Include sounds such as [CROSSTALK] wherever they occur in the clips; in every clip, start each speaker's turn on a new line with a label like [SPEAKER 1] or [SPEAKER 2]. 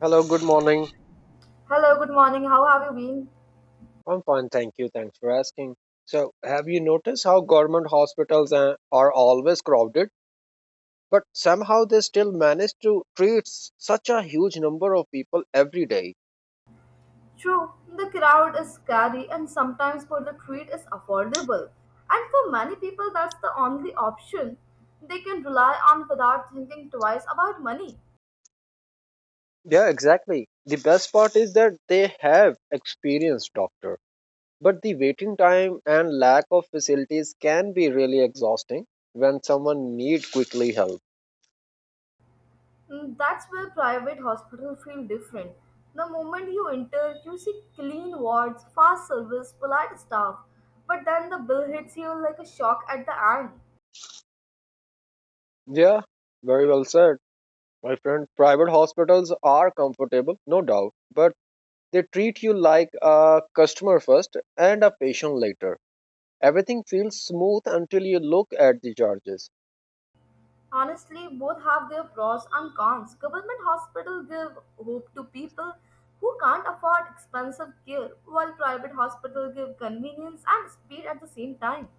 [SPEAKER 1] Hello, good morning.
[SPEAKER 2] Hello, good morning. How have you been?
[SPEAKER 1] I'm fine, thank you. Thanks for asking. So, have you noticed how government hospitals are always crowded, but somehow they still manage to treat such a huge number of people every day?
[SPEAKER 2] True, the crowd is scary and sometimes for the treat is affordable. And for many people that's the only option they can rely on without thinking twice about money.
[SPEAKER 1] Yeah, exactly. The best part is that they have experienced doctor, but the waiting time and lack of facilities can be really exhausting when someone needs quickly help.
[SPEAKER 2] That's where private hospitals feel different. The moment you enter, you see clean wards, fast service, polite staff, but then the bill hits you like a shock at the end.
[SPEAKER 1] Yeah, very well said. My friend, private hospitals are comfortable, no doubt, but they treat you like a customer first and a patient later. Everything feels smooth until you look at the charges.
[SPEAKER 2] Honestly, both have their pros and cons. Government hospitals give hope to people who can't afford expensive care, while private hospitals give convenience and speed at the same time.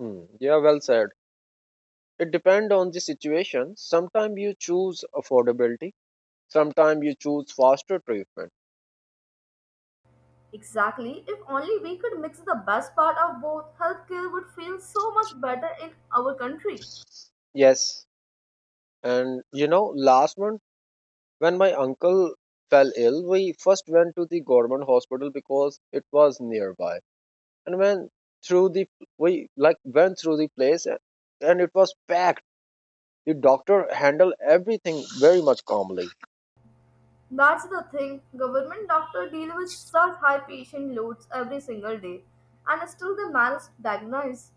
[SPEAKER 1] Hmm, yeah, well said. It depends on the situation. Sometimes you choose affordability, sometimes you choose faster treatment.
[SPEAKER 2] Exactly. If only we could mix the best part of both, healthcare would feel so much better in our country.
[SPEAKER 1] Yes, and you know, last month when my uncle fell ill, we first went to the government hospital because it was nearby. And when through the we like went through the place and it was packed, the doctor handle everything very much calmly.
[SPEAKER 2] That's the thing. Government doctors deal with such high patient loads every single day, and still they manage to diagnose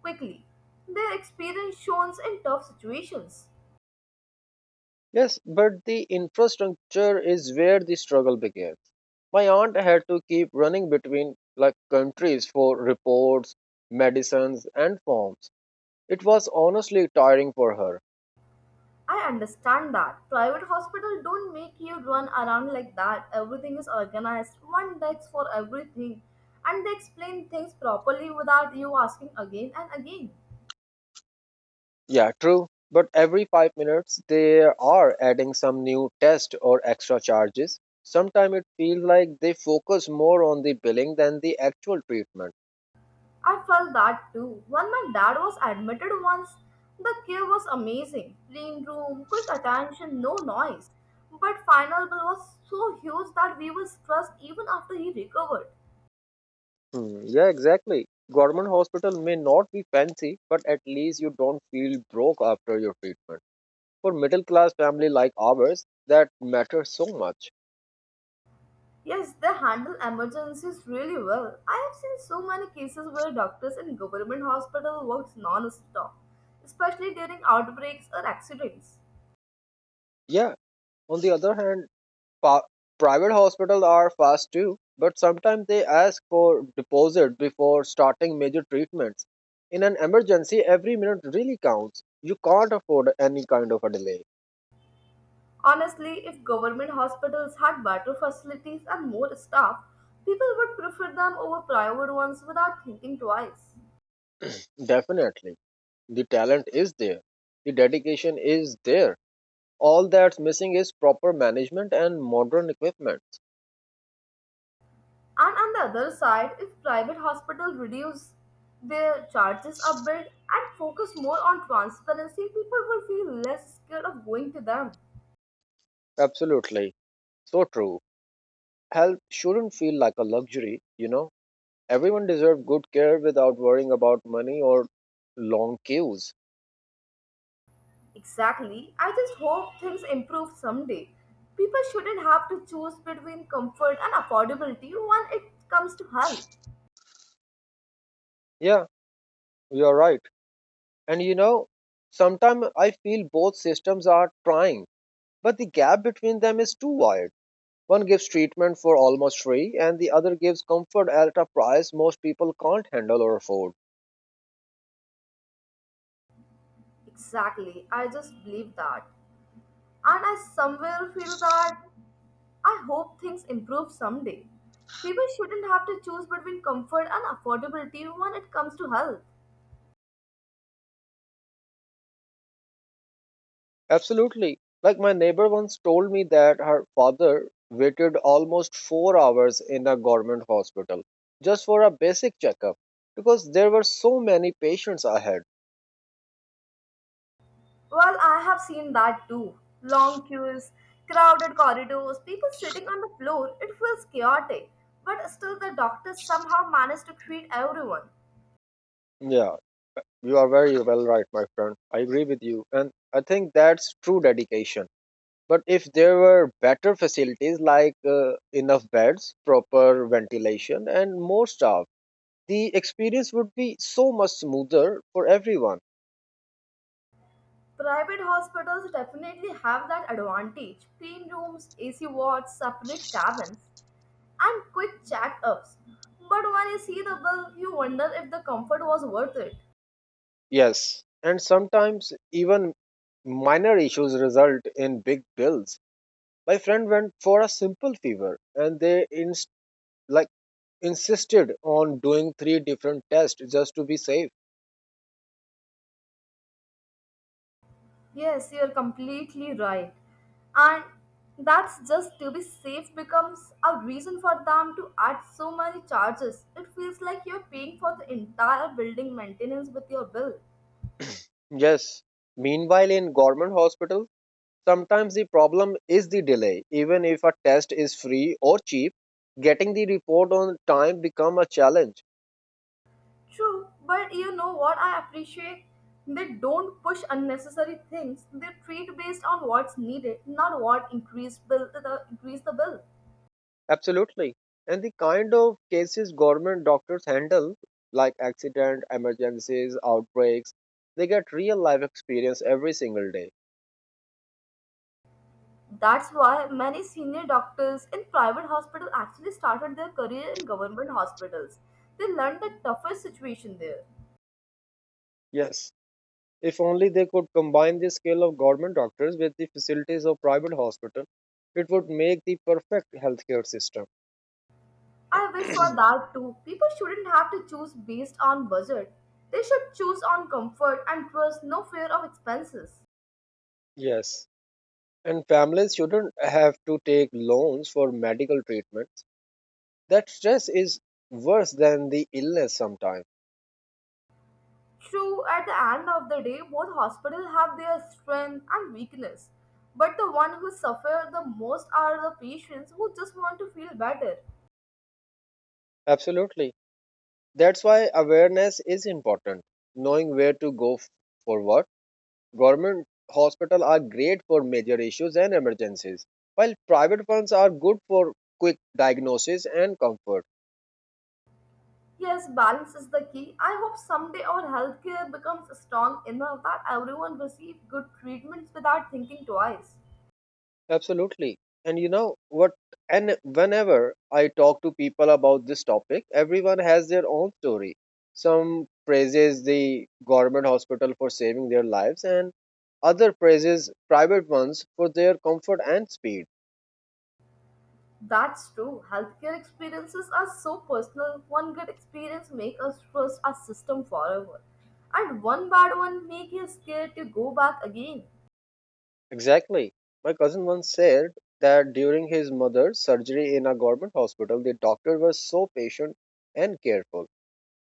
[SPEAKER 2] quickly. Their experience shown in tough situations.
[SPEAKER 1] Yes, but the infrastructure is where the struggle began. My aunt had to keep running between like countries for reports, medicines, and forms. It was honestly tiring for her.
[SPEAKER 2] I understand that. Private hospital don't make you run around like that. Everything is organized. One desk for everything. And they explain things properly without you asking again and again.
[SPEAKER 1] Yeah, true. But every 5 minutes they are adding some new test or extra charges. Sometimes it feels like they focus more on the billing than the actual treatment.
[SPEAKER 2] I felt that too. When my dad was admitted once, the care was amazing. Clean room, quick attention, no noise. But final bill was so huge that we were stressed even after he recovered.
[SPEAKER 1] Hmm, yeah, exactly. Government hospital may not be fancy, but at least you don't feel broke after your treatment. For middle class family like ours, that matters so much.
[SPEAKER 2] Yes, they handle emergencies really well. I have seen so many cases where doctors in government hospital works non-stop, especially during outbreaks or accidents.
[SPEAKER 1] Yeah. On the other hand, pa- private hospitals are fast too, but sometimes they ask for deposit before starting major treatments. In an emergency, every minute really counts. You can't afford any kind of a delay.
[SPEAKER 2] Honestly, if government hospitals had better facilities and more staff, people would prefer them over private ones without thinking twice.
[SPEAKER 1] Definitely, the talent is there, the dedication is there. All that's missing is proper management and modern equipment.
[SPEAKER 2] And on the other side, if private hospitals reduce their charges a bit and focus more on transparency, people will feel less scared of going to them.
[SPEAKER 1] Absolutely. So true. Health shouldn't feel like a luxury, you know. Everyone deserves good care without worrying about money or long queues.
[SPEAKER 2] Exactly. I just hope things improve someday. People shouldn't have to choose between comfort and affordability when it comes to health.
[SPEAKER 1] Yeah, you're right. And you know, sometimes I feel both systems are trying, but the gap between them is too wide. One gives treatment for almost free, and the other gives comfort at a price most people can't handle or afford.
[SPEAKER 2] Exactly. I just believe that. And I somewhere feel that I hope things improve someday. People shouldn't have to choose between comfort and affordability when it comes to health.
[SPEAKER 1] Absolutely. Like my neighbor once told me that her father waited almost 4 hours in a government hospital just for a basic checkup because there were so many patients ahead.
[SPEAKER 2] Well, I have seen that too. Long queues, crowded corridors, people sitting on the floor. It feels chaotic. But still, the doctors somehow manage to treat everyone.
[SPEAKER 1] Yeah, you are very well right, my friend. I agree with you. And I think that's true dedication. But if there were better facilities like enough beds, proper ventilation, and more staff, the experience would be so much smoother for everyone.
[SPEAKER 2] Private hospitals definitely have that advantage clean rooms, AC wards, separate cabins, and quick check ups. But when you see the bill, you wonder if the comfort was worth it.
[SPEAKER 1] Yes, and sometimes even minor issues result in big bills. My friend went for a simple fever and they like insisted on doing three different tests just to be safe.
[SPEAKER 2] Yes, you're completely right. And that's just to be safe becomes a reason for them to add so many charges. It feels like you're paying for the entire building maintenance with your bill.
[SPEAKER 1] Yes. Meanwhile in government hospitals, sometimes the problem is the delay. Even if a test is free or cheap, getting the report on time become a challenge.
[SPEAKER 2] True, but you know what I appreciate? They don't push unnecessary things. They treat based on what's needed, not what increased bill the increase the bill.
[SPEAKER 1] Absolutely. And the kind of cases government doctors handle, like accident, emergencies, outbreaks, they get real life experience every single day.
[SPEAKER 2] That's why many senior doctors in private hospitals actually started their career in government hospitals. They learned the toughest situation there.
[SPEAKER 1] Yes. If only they could combine the skill of government doctors with the facilities of private hospital, it would make the perfect healthcare system.
[SPEAKER 2] I wish for that too. People shouldn't have to choose based on budget. They should choose on comfort and trust, no fear of expenses.
[SPEAKER 1] Yes. And families shouldn't have to take loans for medical treatments. That stress is worse than the illness sometimes.
[SPEAKER 2] True, at the end of the day, both hospitals have their strength and weakness. But the one who suffer the most are the patients who just want to feel better.
[SPEAKER 1] Absolutely. That's why awareness is important. Knowing where to go for what. Government hospitals are great for major issues and emergencies, while private ones are good for quick diagnosis and comfort.
[SPEAKER 2] Yes, balance is the key. I hope someday our healthcare becomes strong enough that everyone receives good treatments without thinking twice.
[SPEAKER 1] Absolutely. And you know what? And Whenever I talk to people about this topic, everyone has their own story. Some praises the government hospital for saving their lives, and other praises private ones for their comfort and speed.
[SPEAKER 2] That's true. Healthcare experiences are so personal. One good experience makes us trust our system forever. And one bad one makes you scared to go back again.
[SPEAKER 1] Exactly. My cousin once said that during his mother's surgery in a government hospital, the doctor was so patient and careful,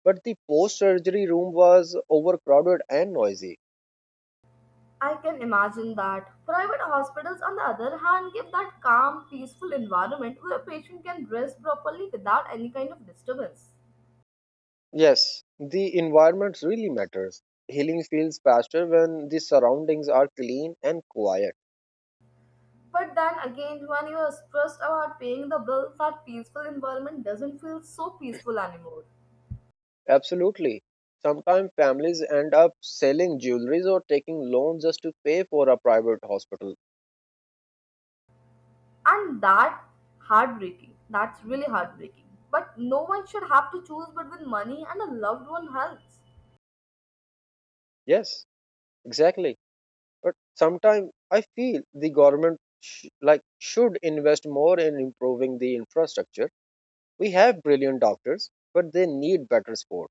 [SPEAKER 1] but the post surgery room was overcrowded and noisy.
[SPEAKER 2] I can imagine that. Private hospitals, on the other hand, give that calm, peaceful environment where a patient can rest properly without any kind of disturbance.
[SPEAKER 1] Yes, the environment really matters. Healing feels faster when the surroundings are clean and quiet.
[SPEAKER 2] But then again, when you are stressed about paying the bill, that peaceful environment doesn't feel so peaceful anymore.
[SPEAKER 1] Absolutely. Sometimes families end up selling jewelries or taking loans just to pay for a private hospital.
[SPEAKER 2] And that heartbreaking. That's really heartbreaking. But no one should have to choose between money and a loved one helps.
[SPEAKER 1] Yes, exactly. But sometimes I feel the government should invest more in improving the infrastructure. We have brilliant doctors, but they need better support.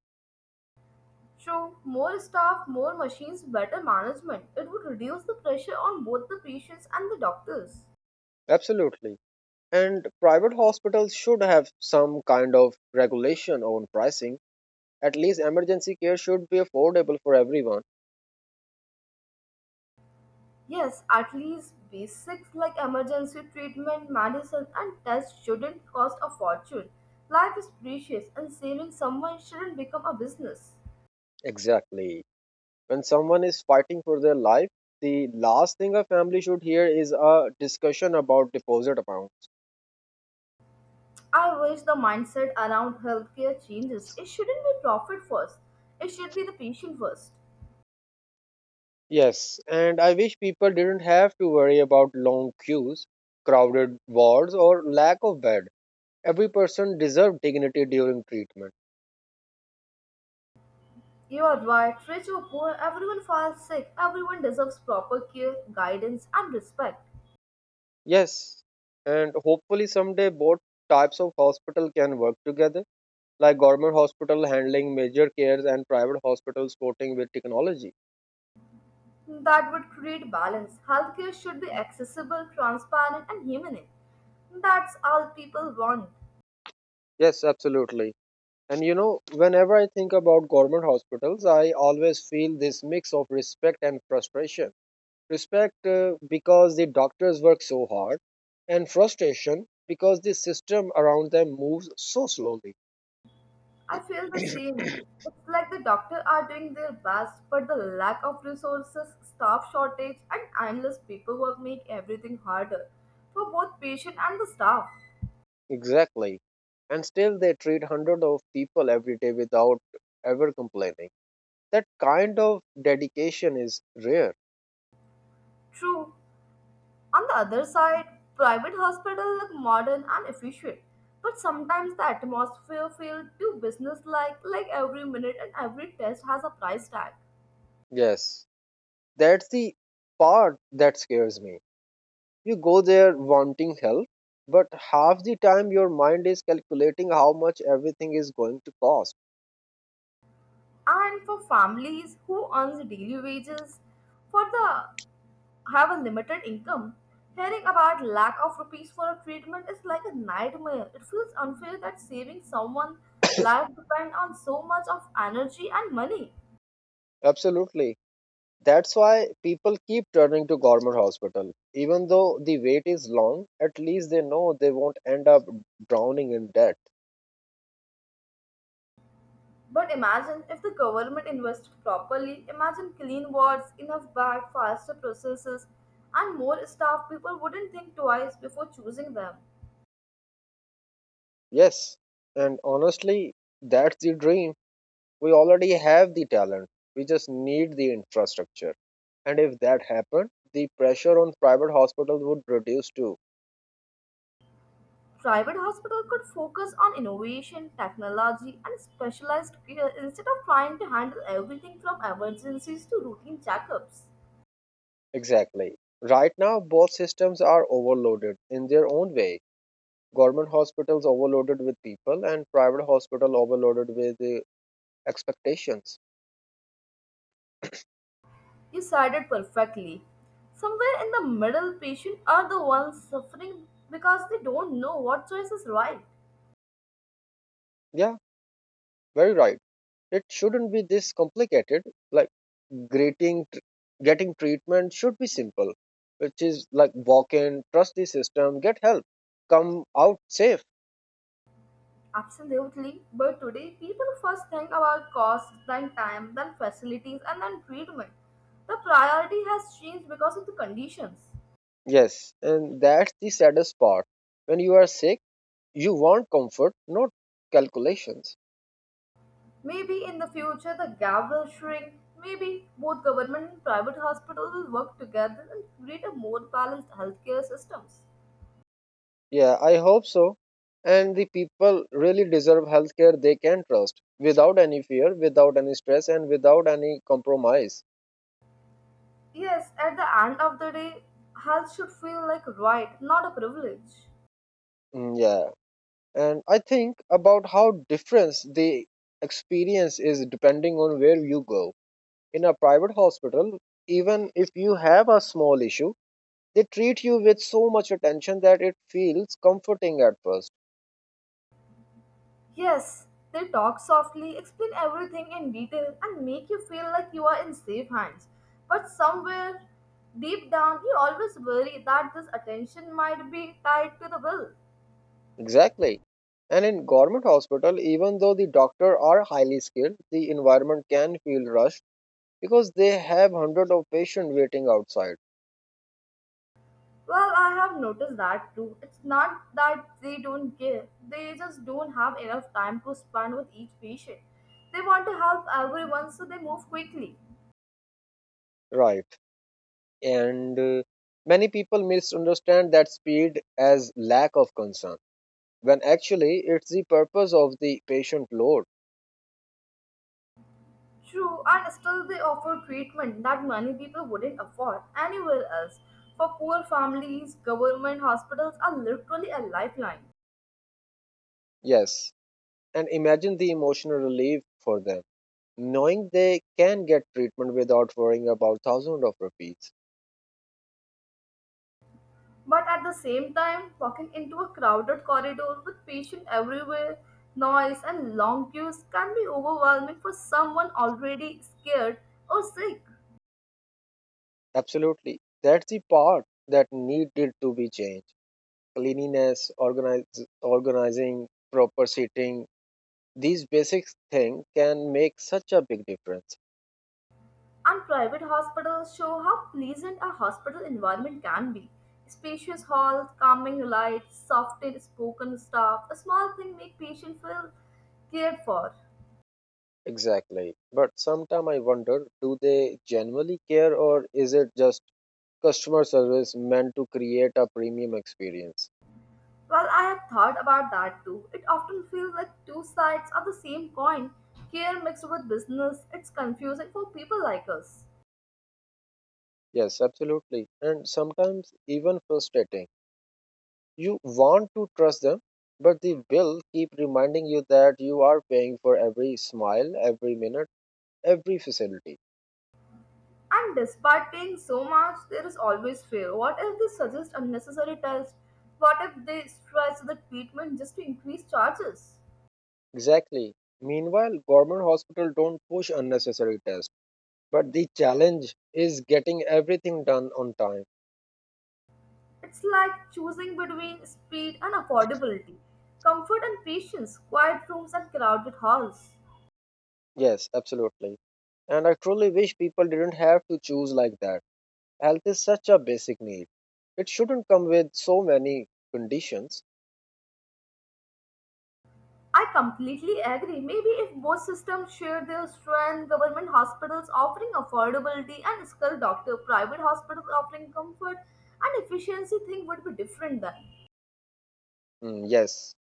[SPEAKER 2] True, more staff, more machines, better management. It would reduce the pressure on both the patients and the doctors.
[SPEAKER 1] Absolutely. And private hospitals should have some kind of regulation on pricing. At least emergency care should be affordable for everyone.
[SPEAKER 2] Yes, at least basics like emergency treatment, medicine, and tests shouldn't cost a fortune. Life is precious, and saving someone shouldn't become a business.
[SPEAKER 1] Exactly. When someone is fighting for their life, the last thing a family should hear is a discussion about deposit amount.
[SPEAKER 2] I wish the mindset around healthcare changes. It shouldn't be profit first, it should be the patient first.
[SPEAKER 1] Yes, and I wish people didn't have to worry about long queues, crowded wards, or lack of bed. Every person deserves dignity during treatment.
[SPEAKER 2] You are right, rich or poor, everyone falls sick, everyone deserves proper care, guidance, and respect.
[SPEAKER 1] Yes, and hopefully someday both types of hospital can work together, like government hospital handling major cares and private hospitals supporting with technology.
[SPEAKER 2] That would create balance. Healthcare should be accessible, transparent, and humane. That's all people want.
[SPEAKER 1] Yes, absolutely. And you know, whenever I think about government hospitals, I always feel this mix of respect and frustration, respect because the doctors work so hard, and frustration because the system around them moves so slowly. [CLEARS THROAT]
[SPEAKER 2] I feel the same. It's like the doctor are doing their best, but the lack of resources, staff shortage, and endless paperwork make everything harder for both patient and the staff.
[SPEAKER 1] Exactly. And still they treat hundreds of people every day without ever complaining. That kind of dedication is rare.
[SPEAKER 2] True. On the other side, private hospitals look modern and efficient, but sometimes the atmosphere feels too businesslike, like every minute and every test has a price tag.
[SPEAKER 1] Yes. That's the part that scares me. You go there wanting help, but half the time your mind is calculating how much everything is going to cost.
[SPEAKER 2] And for families who earns daily wages, for the have a limited income, hearing about lack of rupees for a treatment is like a nightmare. It feels unfair that saving someone life depends on so much of energy and money.
[SPEAKER 1] Absolutely. That's why people keep turning to government hospital. Even though the wait is long, at least they know they won't end up drowning in debt.
[SPEAKER 2] But imagine if the government invested properly, imagine clean wards, enough bag, faster processes, and more staff, people wouldn't think twice before choosing them.
[SPEAKER 1] Yes, and honestly, that's the dream. We already have the talent. We just need the infrastructure. And if that happened, the pressure on private hospitals would reduce too.
[SPEAKER 2] Private hospital could focus on innovation, technology, and specialized care instead of trying to handle everything from emergencies to routine checkups.
[SPEAKER 1] Exactly. Right now, both systems are overloaded in their own way. Government hospitals overloaded with people, and private hospital overloaded with expectations.
[SPEAKER 2] You said it perfectly. Somewhere in the middle, patients are the ones suffering because they don't know what choice is right.
[SPEAKER 1] Yeah, very right. It shouldn't be this complicated. Like greeting, tr- getting treatment should be simple, which is like walk in, trust the system, get help, come out safe.
[SPEAKER 2] Absolutely, but today people first think about cost, then time, then facilities, and then treatment. The priority has changed because of the conditions.
[SPEAKER 1] Yes, and that's the saddest part. When you are sick, you want comfort, not calculations.
[SPEAKER 2] Maybe in the future the gap will shrink. Maybe both government and private hospitals will work together and create a more balanced healthcare systems.
[SPEAKER 1] Yeah, I hope so. And the people really deserve healthcare they can trust without any fear, without any stress, and without any compromise.
[SPEAKER 2] Yes, at the end of the day, health should feel like a right, not a privilege.
[SPEAKER 1] Mm, yeah, and I think about how different the experience is depending on where you go in a private hospital, even if you have a small issue, they treat you with so much attention that it feels comforting at first.
[SPEAKER 2] Yes, they talk softly, explain everything in detail, and make you feel like you are in safe hands. But somewhere deep down, you always worry that this attention might be tied to the will.
[SPEAKER 1] Exactly. And in government hospital, even though the doctor are highly skilled, the environment can feel rushed because they have hundreds of patients waiting outside.
[SPEAKER 2] Well, I have noticed that too. It's not that they don't care, they just don't have enough time to spend with each patient. They want to help everyone, so they move quickly.
[SPEAKER 1] Right. And many people misunderstand that speed as lack of concern when actually it's the purpose of the patient load.
[SPEAKER 2] True, and still they offer treatment that many people wouldn't afford anywhere else. For poor families, government hospitals are literally a lifeline.
[SPEAKER 1] Yes, and imagine the emotional relief for them, knowing they can get treatment without worrying about thousands of rupees.
[SPEAKER 2] But at the same time, walking into a crowded corridor with patients everywhere, noise, and long queues can be overwhelming for someone already scared or sick.
[SPEAKER 1] Absolutely, that's the part that needed to be changed. Cleanliness, organize, organizing, proper seating, these basic things can make such a big difference.
[SPEAKER 2] And private hospitals show how pleasant a hospital environment can be. Spacious halls, calming lights, softly spoken staff, a small thing make patients feel cared for.
[SPEAKER 1] Exactly. But sometimes I wonder, do they genuinely care or is it just customer service meant to create a premium experience?
[SPEAKER 2] Well, I have thought about that too. It often feels like two sides of the same coin, care mixed with business. It's confusing for people like us.
[SPEAKER 1] Yes, absolutely. And sometimes even frustrating. You want to trust them, but the bill keep reminding you that you are paying for every smile, every minute, every facility.
[SPEAKER 2] And despite paying so much, there is always fear. What if they suggest unnecessary tests? What if they stretch the treatment just to increase charges?
[SPEAKER 1] Exactly. Meanwhile, government hospital don't push unnecessary tests, but the challenge is getting everything done on time.
[SPEAKER 2] It's like choosing between speed and affordability, comfort and patience, quiet rooms and crowded halls.
[SPEAKER 1] Yes, absolutely. And I truly wish people didn't have to choose like that. Health is such a basic need. It shouldn't come with so many conditions.
[SPEAKER 2] I completely agree. Maybe if both systems share their strength, government hospitals offering affordability and skilled doctor, private hospitals offering comfort and efficiency, thing would be different then.
[SPEAKER 1] Mm, yes,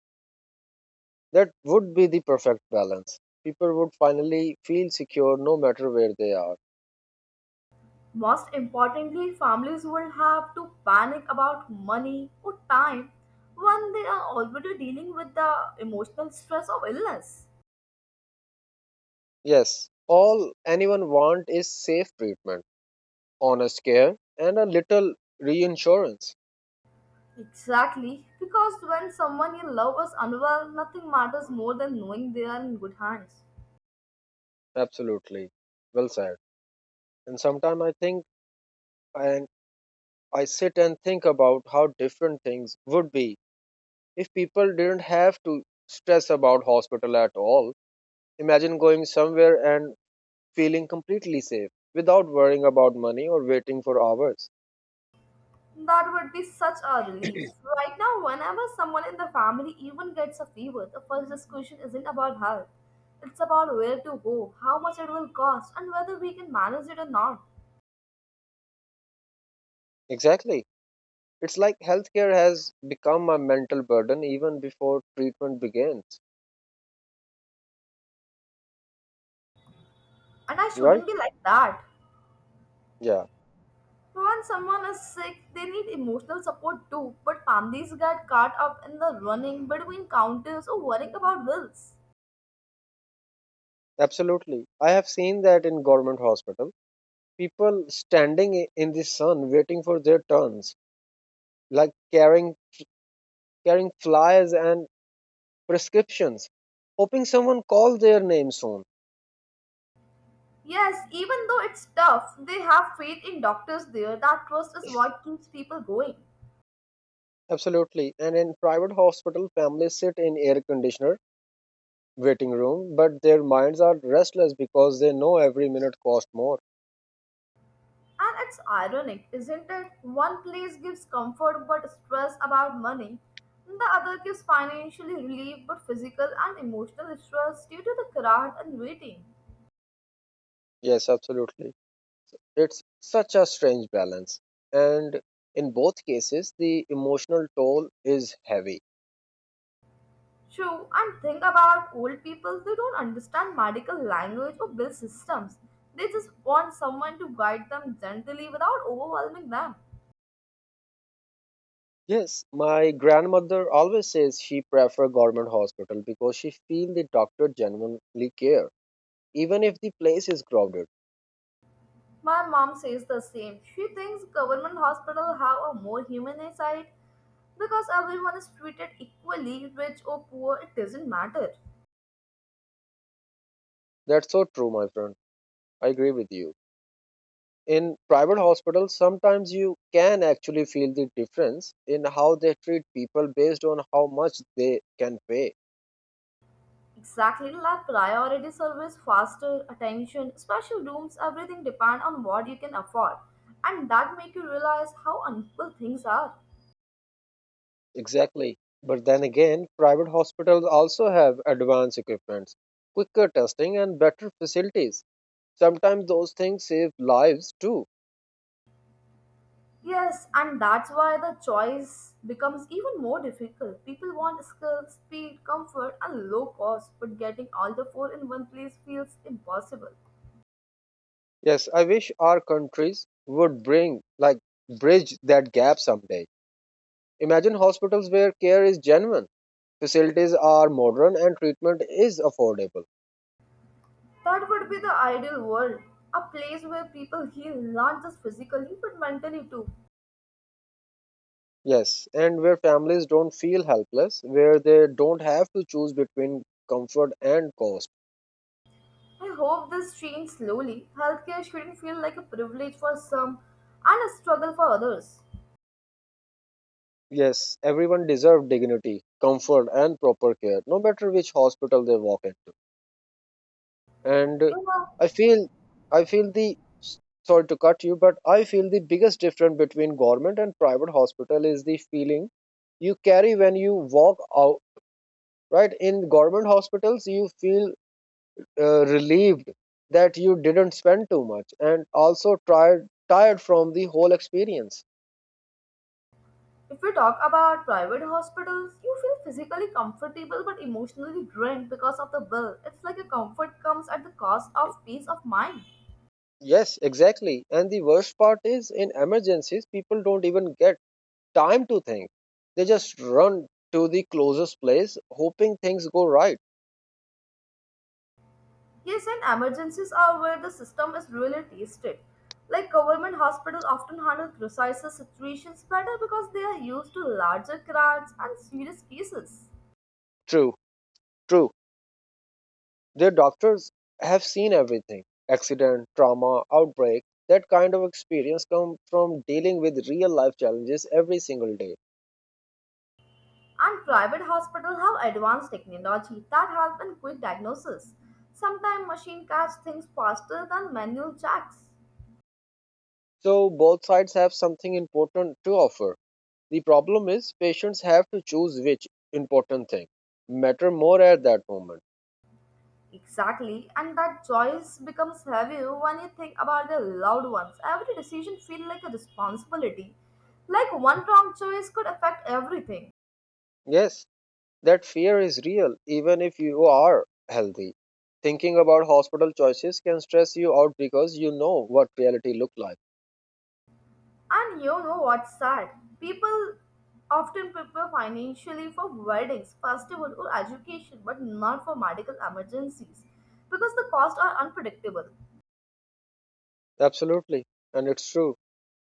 [SPEAKER 1] that would be the perfect balance. People would finally feel secure no matter where they are.
[SPEAKER 2] Most importantly, families will have to panic about money or time when they are already dealing with the emotional stress of illness.
[SPEAKER 1] Yes, all anyone want is safe treatment, honest care, and a little reinsurance.
[SPEAKER 2] Exactly, because when someone you love is unwell, nothing matters more than knowing they are in good hands.
[SPEAKER 1] Absolutely. Well said. And sometimes I think and I sit and think about how different things would be if people didn't have to stress about hospital at all, imagine going somewhere and feeling completely safe without worrying about money or waiting for hours.
[SPEAKER 2] That would be such a relief. Right now, whenever someone in the family even gets a fever, the first discussion isn't about health. It's about where to go, how much it will cost, and whether we can manage it or not.
[SPEAKER 1] Exactly. It's like healthcare has become a mental burden even before treatment begins,
[SPEAKER 2] And I
[SPEAKER 1] right?
[SPEAKER 2] shouldn't be like that.
[SPEAKER 1] Yeah,
[SPEAKER 2] When someone is sick, they need emotional support too, but families get caught up in the running between counters or worrying about bills.
[SPEAKER 1] absolutely. I have seen that in government hospital, people standing in the sun waiting for their turns, like carrying flyers and prescriptions, hoping someone calls their name soon.
[SPEAKER 2] Yes, even though it's tough, they have faith in doctors there. That trust is what keeps people going.
[SPEAKER 1] Absolutely. And in private hospital, families sit in air conditioner waiting room, but their minds are restless because they know every minute costs more.
[SPEAKER 2] And it's ironic, isn't it? One place gives comfort but stress about money, the other gives financially relief but physical and emotional stress due to the crowd and waiting.
[SPEAKER 1] Yes, absolutely. It's such a strange balance. And in both cases, the emotional toll is heavy.
[SPEAKER 2] True, and think about old people, they don't understand medical language or bill systems. They just want someone to guide them gently without overwhelming them.
[SPEAKER 1] Yes, my grandmother always says she prefer government hospital because she feel the doctor genuinely care, even if the place is crowded.
[SPEAKER 2] My mom says the same. She thinks government hospitals have a more humane side because everyone is treated equally, rich or poor, it doesn't matter.
[SPEAKER 1] That's so true, my friend. I agree with you. In private hospitals, sometimes you can actually feel the difference in how they treat people based on how much they can pay.
[SPEAKER 2] Exactly like priority service, faster attention, special rooms, everything depend on what you can afford. And that make you realize how unequal things are.
[SPEAKER 1] Exactly. But then again, private hospitals also have advanced equipment, quicker testing and better facilities. Sometimes those things save lives too.
[SPEAKER 2] Yes, and that's why the choice becomes even more difficult. People want skill, speed, comfort, and low cost, but getting all the four in one place feels impossible.
[SPEAKER 1] Yes, I wish our countries would bring, like, bridge that gap someday. Imagine hospitals where care is genuine, facilities are modern and treatment is affordable.
[SPEAKER 2] That would be the ideal world. A place where people heal not just physically but mentally too.
[SPEAKER 1] Yes, and where families don't feel helpless, where they don't have to choose between comfort and cost.
[SPEAKER 2] I hope this changes slowly. Healthcare shouldn't feel like a privilege for some and a struggle for others.
[SPEAKER 1] Yes, everyone deserves dignity, comfort, and proper care, no matter which hospital they walk into. And
[SPEAKER 2] You know,
[SPEAKER 1] I feel, I feel the sorry to cut you, but I feel the biggest difference between government and private hospital is the feeling you carry when you walk out. Right, in government hospitals, you feel relieved that you didn't spend too much and also tired from the whole experience.
[SPEAKER 2] if we talk about private hospitals, you feel physically comfortable but emotionally drained because of the bill. It's like a comfort comes at the cost of peace of mind.
[SPEAKER 1] Yes, exactly, and the worst part is in emergencies people don't even get time to think. They just run to the closest place hoping things go right.
[SPEAKER 2] Yes, and emergencies are where the system is really tested. Like government hospitals often handle crisis situations better because they are used to larger crowds and serious cases.
[SPEAKER 1] True, true, their doctors have seen everything: accident, trauma, outbreak. That kind of experience comes from dealing with real life challenges every single day.
[SPEAKER 2] And private hospitals have advanced technology that help in quick diagnosis. Sometimes machine catch things faster than manual checks.
[SPEAKER 1] So both sides have something important to offer. The problem is patients have to choose which important thing matter more at that moment.
[SPEAKER 2] Exactly, and that choice becomes heavier when you think about their loved ones. Every decision feels like a responsibility. Like one wrong choice could affect everything.
[SPEAKER 1] Yes, that fear is real even if you are healthy. Thinking about hospital choices can stress you out because you know what reality look like.
[SPEAKER 2] And you know what's sad? People often prepare financially for weddings, festival, or education, but not for medical emergencies because the costs are unpredictable.
[SPEAKER 1] Absolutely, and it's true.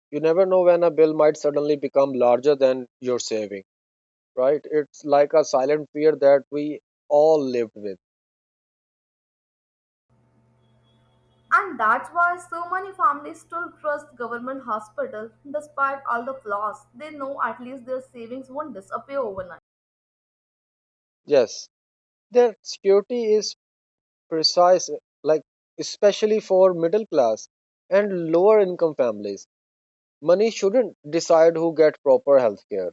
[SPEAKER 1] You never know when a bill might suddenly become larger than your saving, right? It's like a silent fear that we all lived with.
[SPEAKER 2] And that's why so many families still trust government hospital despite all the flaws. They know at least their savings won't disappear overnight.
[SPEAKER 1] Yes, the security is precise, like, especially for middle class and lower income families, money shouldn't decide who get proper health care.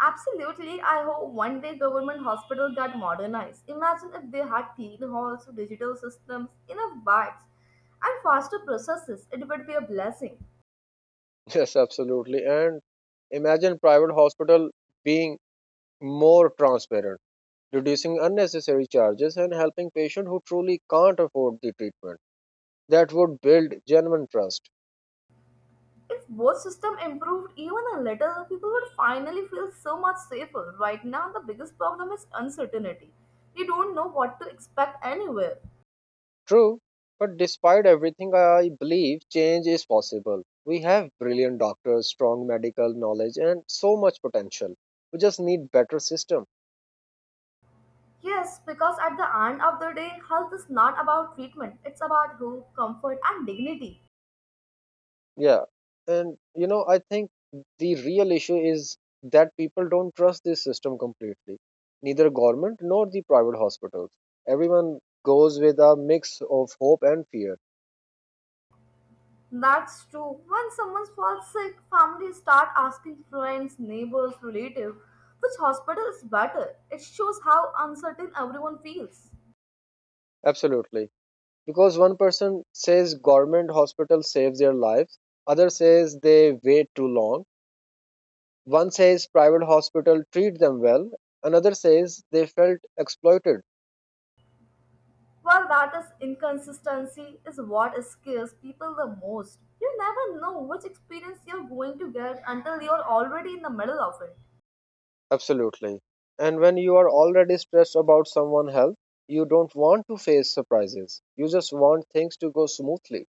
[SPEAKER 2] Absolutely. I hope one day government hospitals get modernized. Imagine if they had clean halls, digital systems, enough beds, and faster processes. It would be a blessing.
[SPEAKER 1] [LAUGHS] Yes, absolutely, and imagine private hospital being more transparent, reducing unnecessary charges and helping patients who truly can't afford the treatment. That would build genuine trust.
[SPEAKER 2] If both systems improved even a little, people would finally feel so much safer. Right now, the biggest problem is uncertainty. You don't know what to expect anywhere.
[SPEAKER 1] True, but despite everything, I believe change is possible. We have brilliant doctors, strong medical knowledge, and so much potential. We just need better system.
[SPEAKER 2] Yes, because at the end of the day, health is not about treatment. It's about hope, comfort, and dignity.
[SPEAKER 1] Yeah, and you know, I think the real issue is that people don't trust this system completely. Neither government nor the private hospitals. Everyone goes with a mix of hope and fear.
[SPEAKER 2] That's true. When someone falls sick, families start asking friends, neighbors, relatives, which hospital is better. It shows how uncertain everyone feels.
[SPEAKER 1] Absolutely, because one person says government hospital saves their lives, other says they wait too long. One says private hospital treat them well, another says they felt exploited.
[SPEAKER 2] Well, that is inconsistency is what scares people the most. You never know which experience you're going to get until you're already in the middle of it.
[SPEAKER 1] Absolutely. And when you are already stressed about someone's health, you don't want to face surprises. You just want things to go smoothly.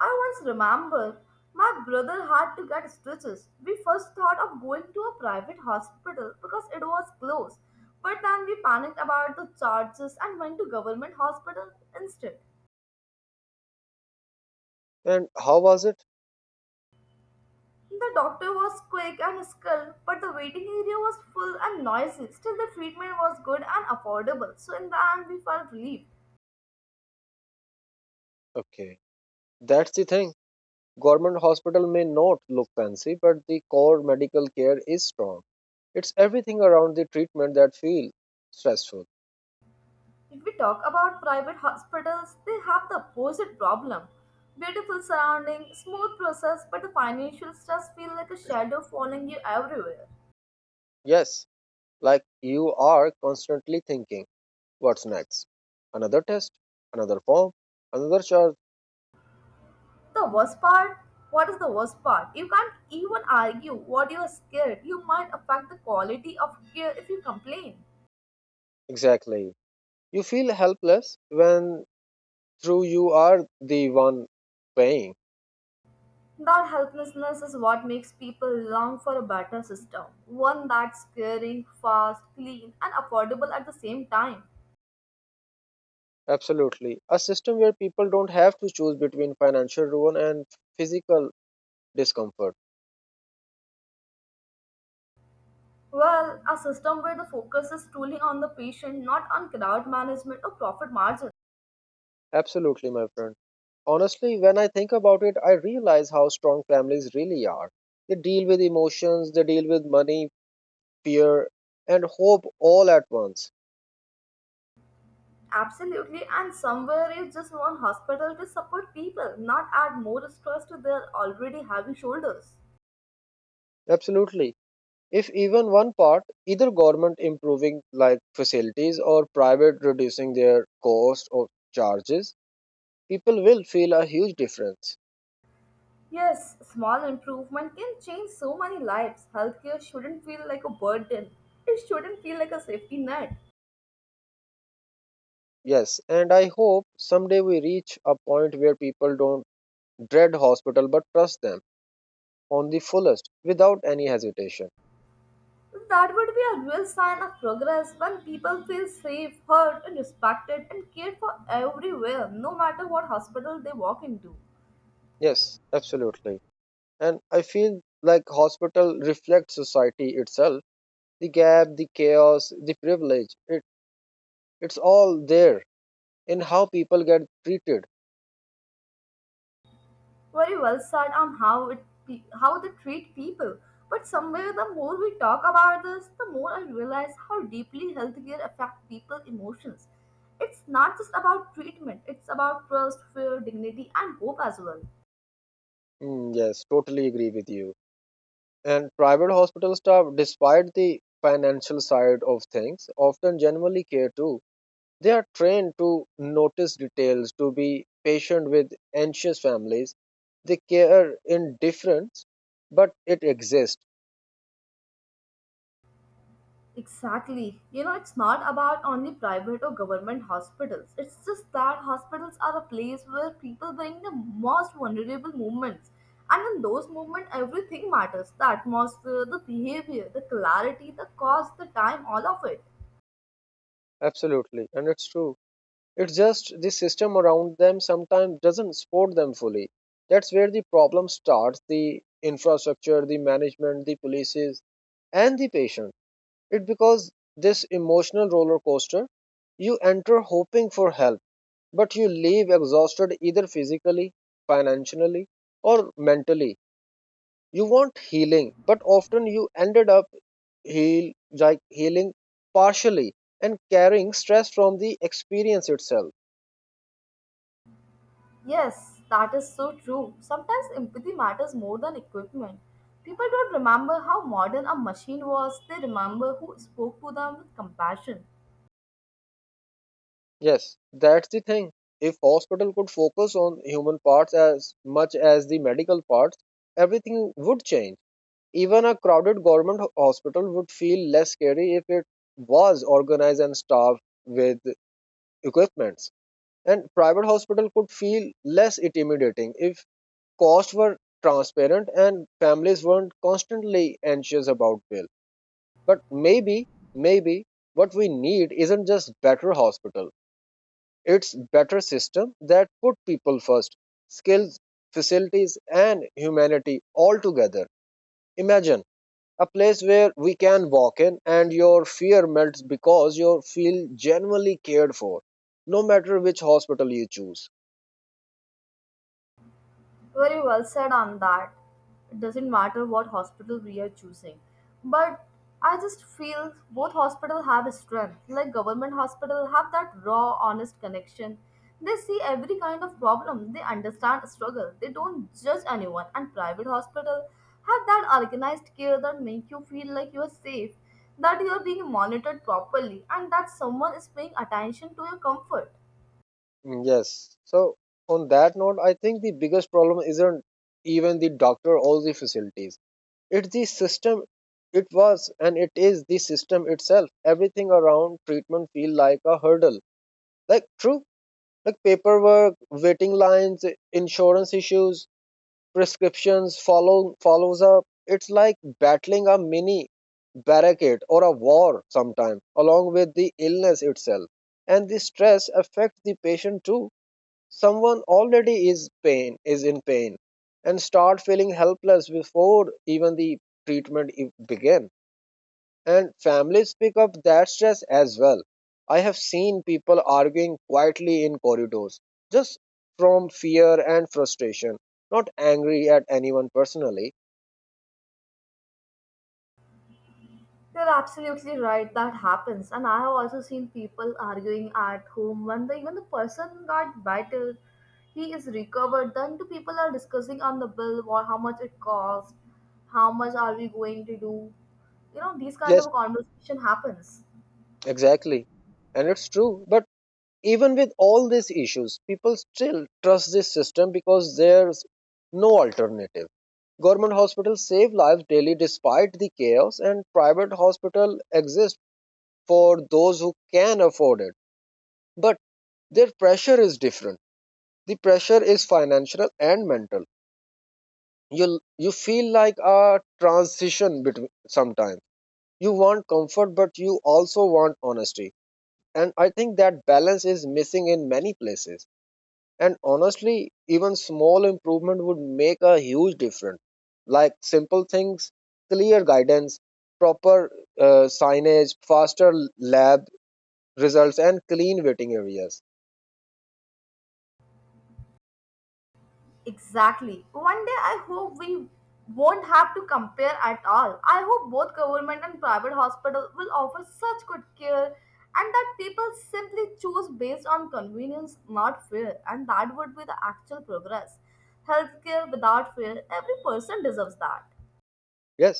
[SPEAKER 2] I once remember my brother had to get stitches. We first thought of going to a private hospital because it was close, but then we panicked about the charges and went to government hospital instead.
[SPEAKER 1] And how was it?
[SPEAKER 2] The doctor was quick and skilled, but the waiting area was full and noisy. Still, the treatment was good and affordable, so in the end, we felt relieved.
[SPEAKER 1] Okay. That's the thing. Government hospital may not look fancy, but the core medical care is strong. It's everything around the treatment that feels stressful.
[SPEAKER 2] If we talk about private hospitals, they have the opposite problem. Beautiful surrounding, smooth process, but the financial stress feel like a shadow following you everywhere.
[SPEAKER 1] Yes, like you are constantly thinking, what's next? Another test, another form, another charge.
[SPEAKER 2] The worst part, what is the worst part? You can't even argue what you are scared. You might affect the quality of care if you complain.
[SPEAKER 1] Exactly. You feel helpless when through you are the one paying.
[SPEAKER 2] That helplessness is what makes people long for a better system. One that's caring, fast, clean, and affordable at the same time.
[SPEAKER 1] Absolutely. A system where people don't have to choose between financial ruin and physical discomfort.
[SPEAKER 2] Well, a system where the focus is truly on the patient, not on crowd management or profit margin.
[SPEAKER 1] Absolutely, my friend. Honestly, when I think about it, I realize how strong families really are. They deal with emotions, they deal with money, fear, and hope all at once.
[SPEAKER 2] Absolutely, and somewhere you just one hospital to support people, not add more stress to their already heavy shoulders.
[SPEAKER 1] Absolutely. If even one part, either government improving like facilities or private reducing their cost or charges, people will feel a huge difference.
[SPEAKER 2] Yes, small improvement can change so many lives. Healthcare shouldn't feel like a burden. It shouldn't feel like a safety net.
[SPEAKER 1] Yes, and I hope someday we reach a point where people don't dread hospital but trust them on the fullest without any hesitation.
[SPEAKER 2] That would be a real sign of progress when people feel safe, heard, and respected and cared for everywhere, no matter what hospital they walk into.
[SPEAKER 1] Yes, absolutely. And I feel like hospital reflects society itself. The gap, the chaos, the privilege, it's all there in how people get treated.
[SPEAKER 2] Very well said on how it how they treat people. But somewhere, the more we talk about this, the more I realize how deeply healthcare affects people's emotions. It's not just about treatment; it's about trust, fear, dignity, and hope as well.
[SPEAKER 1] Mm, yes, totally agree with you. And private hospital staff, despite the financial side of things, often genuinely care too. They are trained to notice details, to be patient with anxious families. They care in difference, but it exists.
[SPEAKER 2] Exactly. You know, it's not about only private or government hospitals. It's just that hospitals are a place where people bring the most vulnerable moments. And in those moments, everything matters the atmosphere, the behavior, the clarity, the cost, the time, all of it.
[SPEAKER 1] Absolutely. And it's true. It's just the system around them sometimes doesn't support them fully. That's where the problem starts: the infrastructure, the management, the policies, and the patients. It because this emotional roller coaster, you enter hoping for help, but you leave exhausted either physically, financially, or mentally. You want healing, but often you ended up heal like healing partially and carrying stress from the experience itself.
[SPEAKER 2] Yes, that is so true. Sometimes empathy matters more than equipment. People don't remember how modern a machine was, they remember who spoke to them with compassion.
[SPEAKER 1] Yes, that's the thing. If hospital could focus on human parts as much as the medical parts, everything would change. Even a crowded government ho- hospital would feel less scary if it was organized and staffed with equipments. And private hospital could feel less intimidating if costs were transparent and families weren't constantly anxious about bill. But maybe what we need isn't just better hospital. It's better system that put people first, skills, facilities, and humanity all together. Imagine a place where we can walk in and your fear melts because you feel genuinely cared for, no matter which hospital you choose.
[SPEAKER 2] Very well said on that. It doesn't matter what hospital we are choosing. But I just feel both hospitals have a strength. Like government hospital have that raw, honest connection. They see every kind of problem. They understand struggle. They don't judge anyone. And private hospital have that organized care that make you feel like you are safe, that you are being monitored properly, and that someone is paying attention to your comfort.
[SPEAKER 1] Mm, yes. So, on that note, I think the biggest problem isn't even the doctor or the facilities, it's the system. It was and it is the system itself. Everything around treatment feel like a hurdle. Like true, like paperwork, waiting lines, insurance issues, prescriptions follows up, it's like battling a mini barricade or a war sometimes, along with the illness itself. And the stress affects the patient too. Someone already is in pain and start feeling helpless before even the treatment e- begin, and families pick up that stress as well. I have seen people arguing quietly in corridors, just from fear and frustration, not angry at anyone personally.
[SPEAKER 2] You're absolutely right, that happens. And I have also seen people arguing at home when even the person got better, he is recovered. Then two people are discussing on the bill, what, how much it cost, how much are we going to do. You know, these kind
[SPEAKER 1] Yes,
[SPEAKER 2] of conversation happens.
[SPEAKER 1] exactly. And it's true. But even with all these issues, people still trust this system because there's no alternative. Government hospitals save lives daily despite the chaos, and private hospitals exist for those who can afford it. But their pressure is different. The pressure is financial and mental. You you feel like a transition between, sometimes you want comfort but you also want honesty, and I think that balance is missing in many places. And honestly, even small improvement would make a huge difference, like simple things: clear guidance, proper signage, faster lab results and clean waiting areas.
[SPEAKER 2] Exactly. One day I hope we won't have to compare at all. I hope both government and private hospital will offer such good care and that people simply choose based on convenience, not fear, and that would be the actual progress. Healthcare without fear, every person deserves that.
[SPEAKER 1] Yes,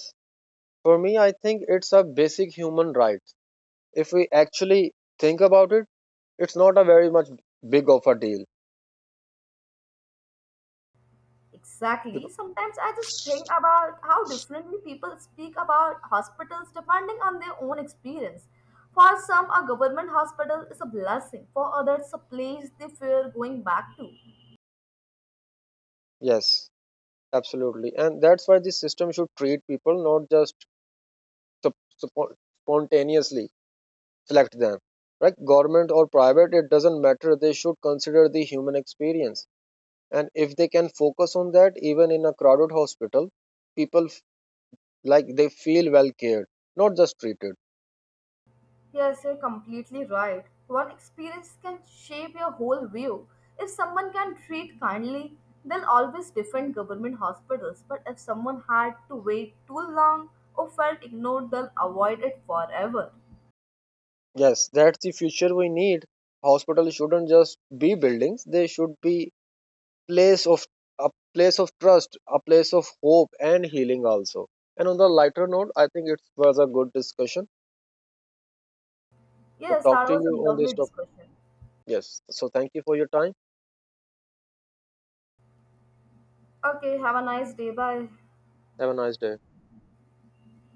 [SPEAKER 1] for me, I think it's a basic human right. If we actually think about it, it's not a very much big of a deal.
[SPEAKER 2] Exactly.
[SPEAKER 1] Becau-
[SPEAKER 2] Sometimes I just think about how differently people speak about hospitals depending on their own experience. For some, a government hospital is a blessing. For others, a place they fear going back to.
[SPEAKER 1] yes, absolutely. And that's why the system should treat people, not just sup- suppo- spontaneously select them. Like government or private, it doesn't matter. They should consider the human experience. And if they can focus on that, even in a crowded hospital, people f- like they feel well cared, not just treated.
[SPEAKER 2] Yes, you're completely right. One experience can shape your whole view. If someone can treat kindly, they'll always defend government hospitals. But if someone had to wait too long or felt ignored, they'll avoid it forever.
[SPEAKER 1] Yes, that's the future we need. Hospitals shouldn't just be buildings, they should be place of a place of trust, a place of hope and healing also. And on the lighter note, I think it was a good discussion to
[SPEAKER 2] Yes,
[SPEAKER 1] talk
[SPEAKER 2] that
[SPEAKER 1] to
[SPEAKER 2] was a
[SPEAKER 1] you on this
[SPEAKER 2] lovely
[SPEAKER 1] topic.
[SPEAKER 2] discussion.
[SPEAKER 1] Yes. So thank you for your time.
[SPEAKER 2] Okay, have a nice day. Bye.
[SPEAKER 1] Have a nice day.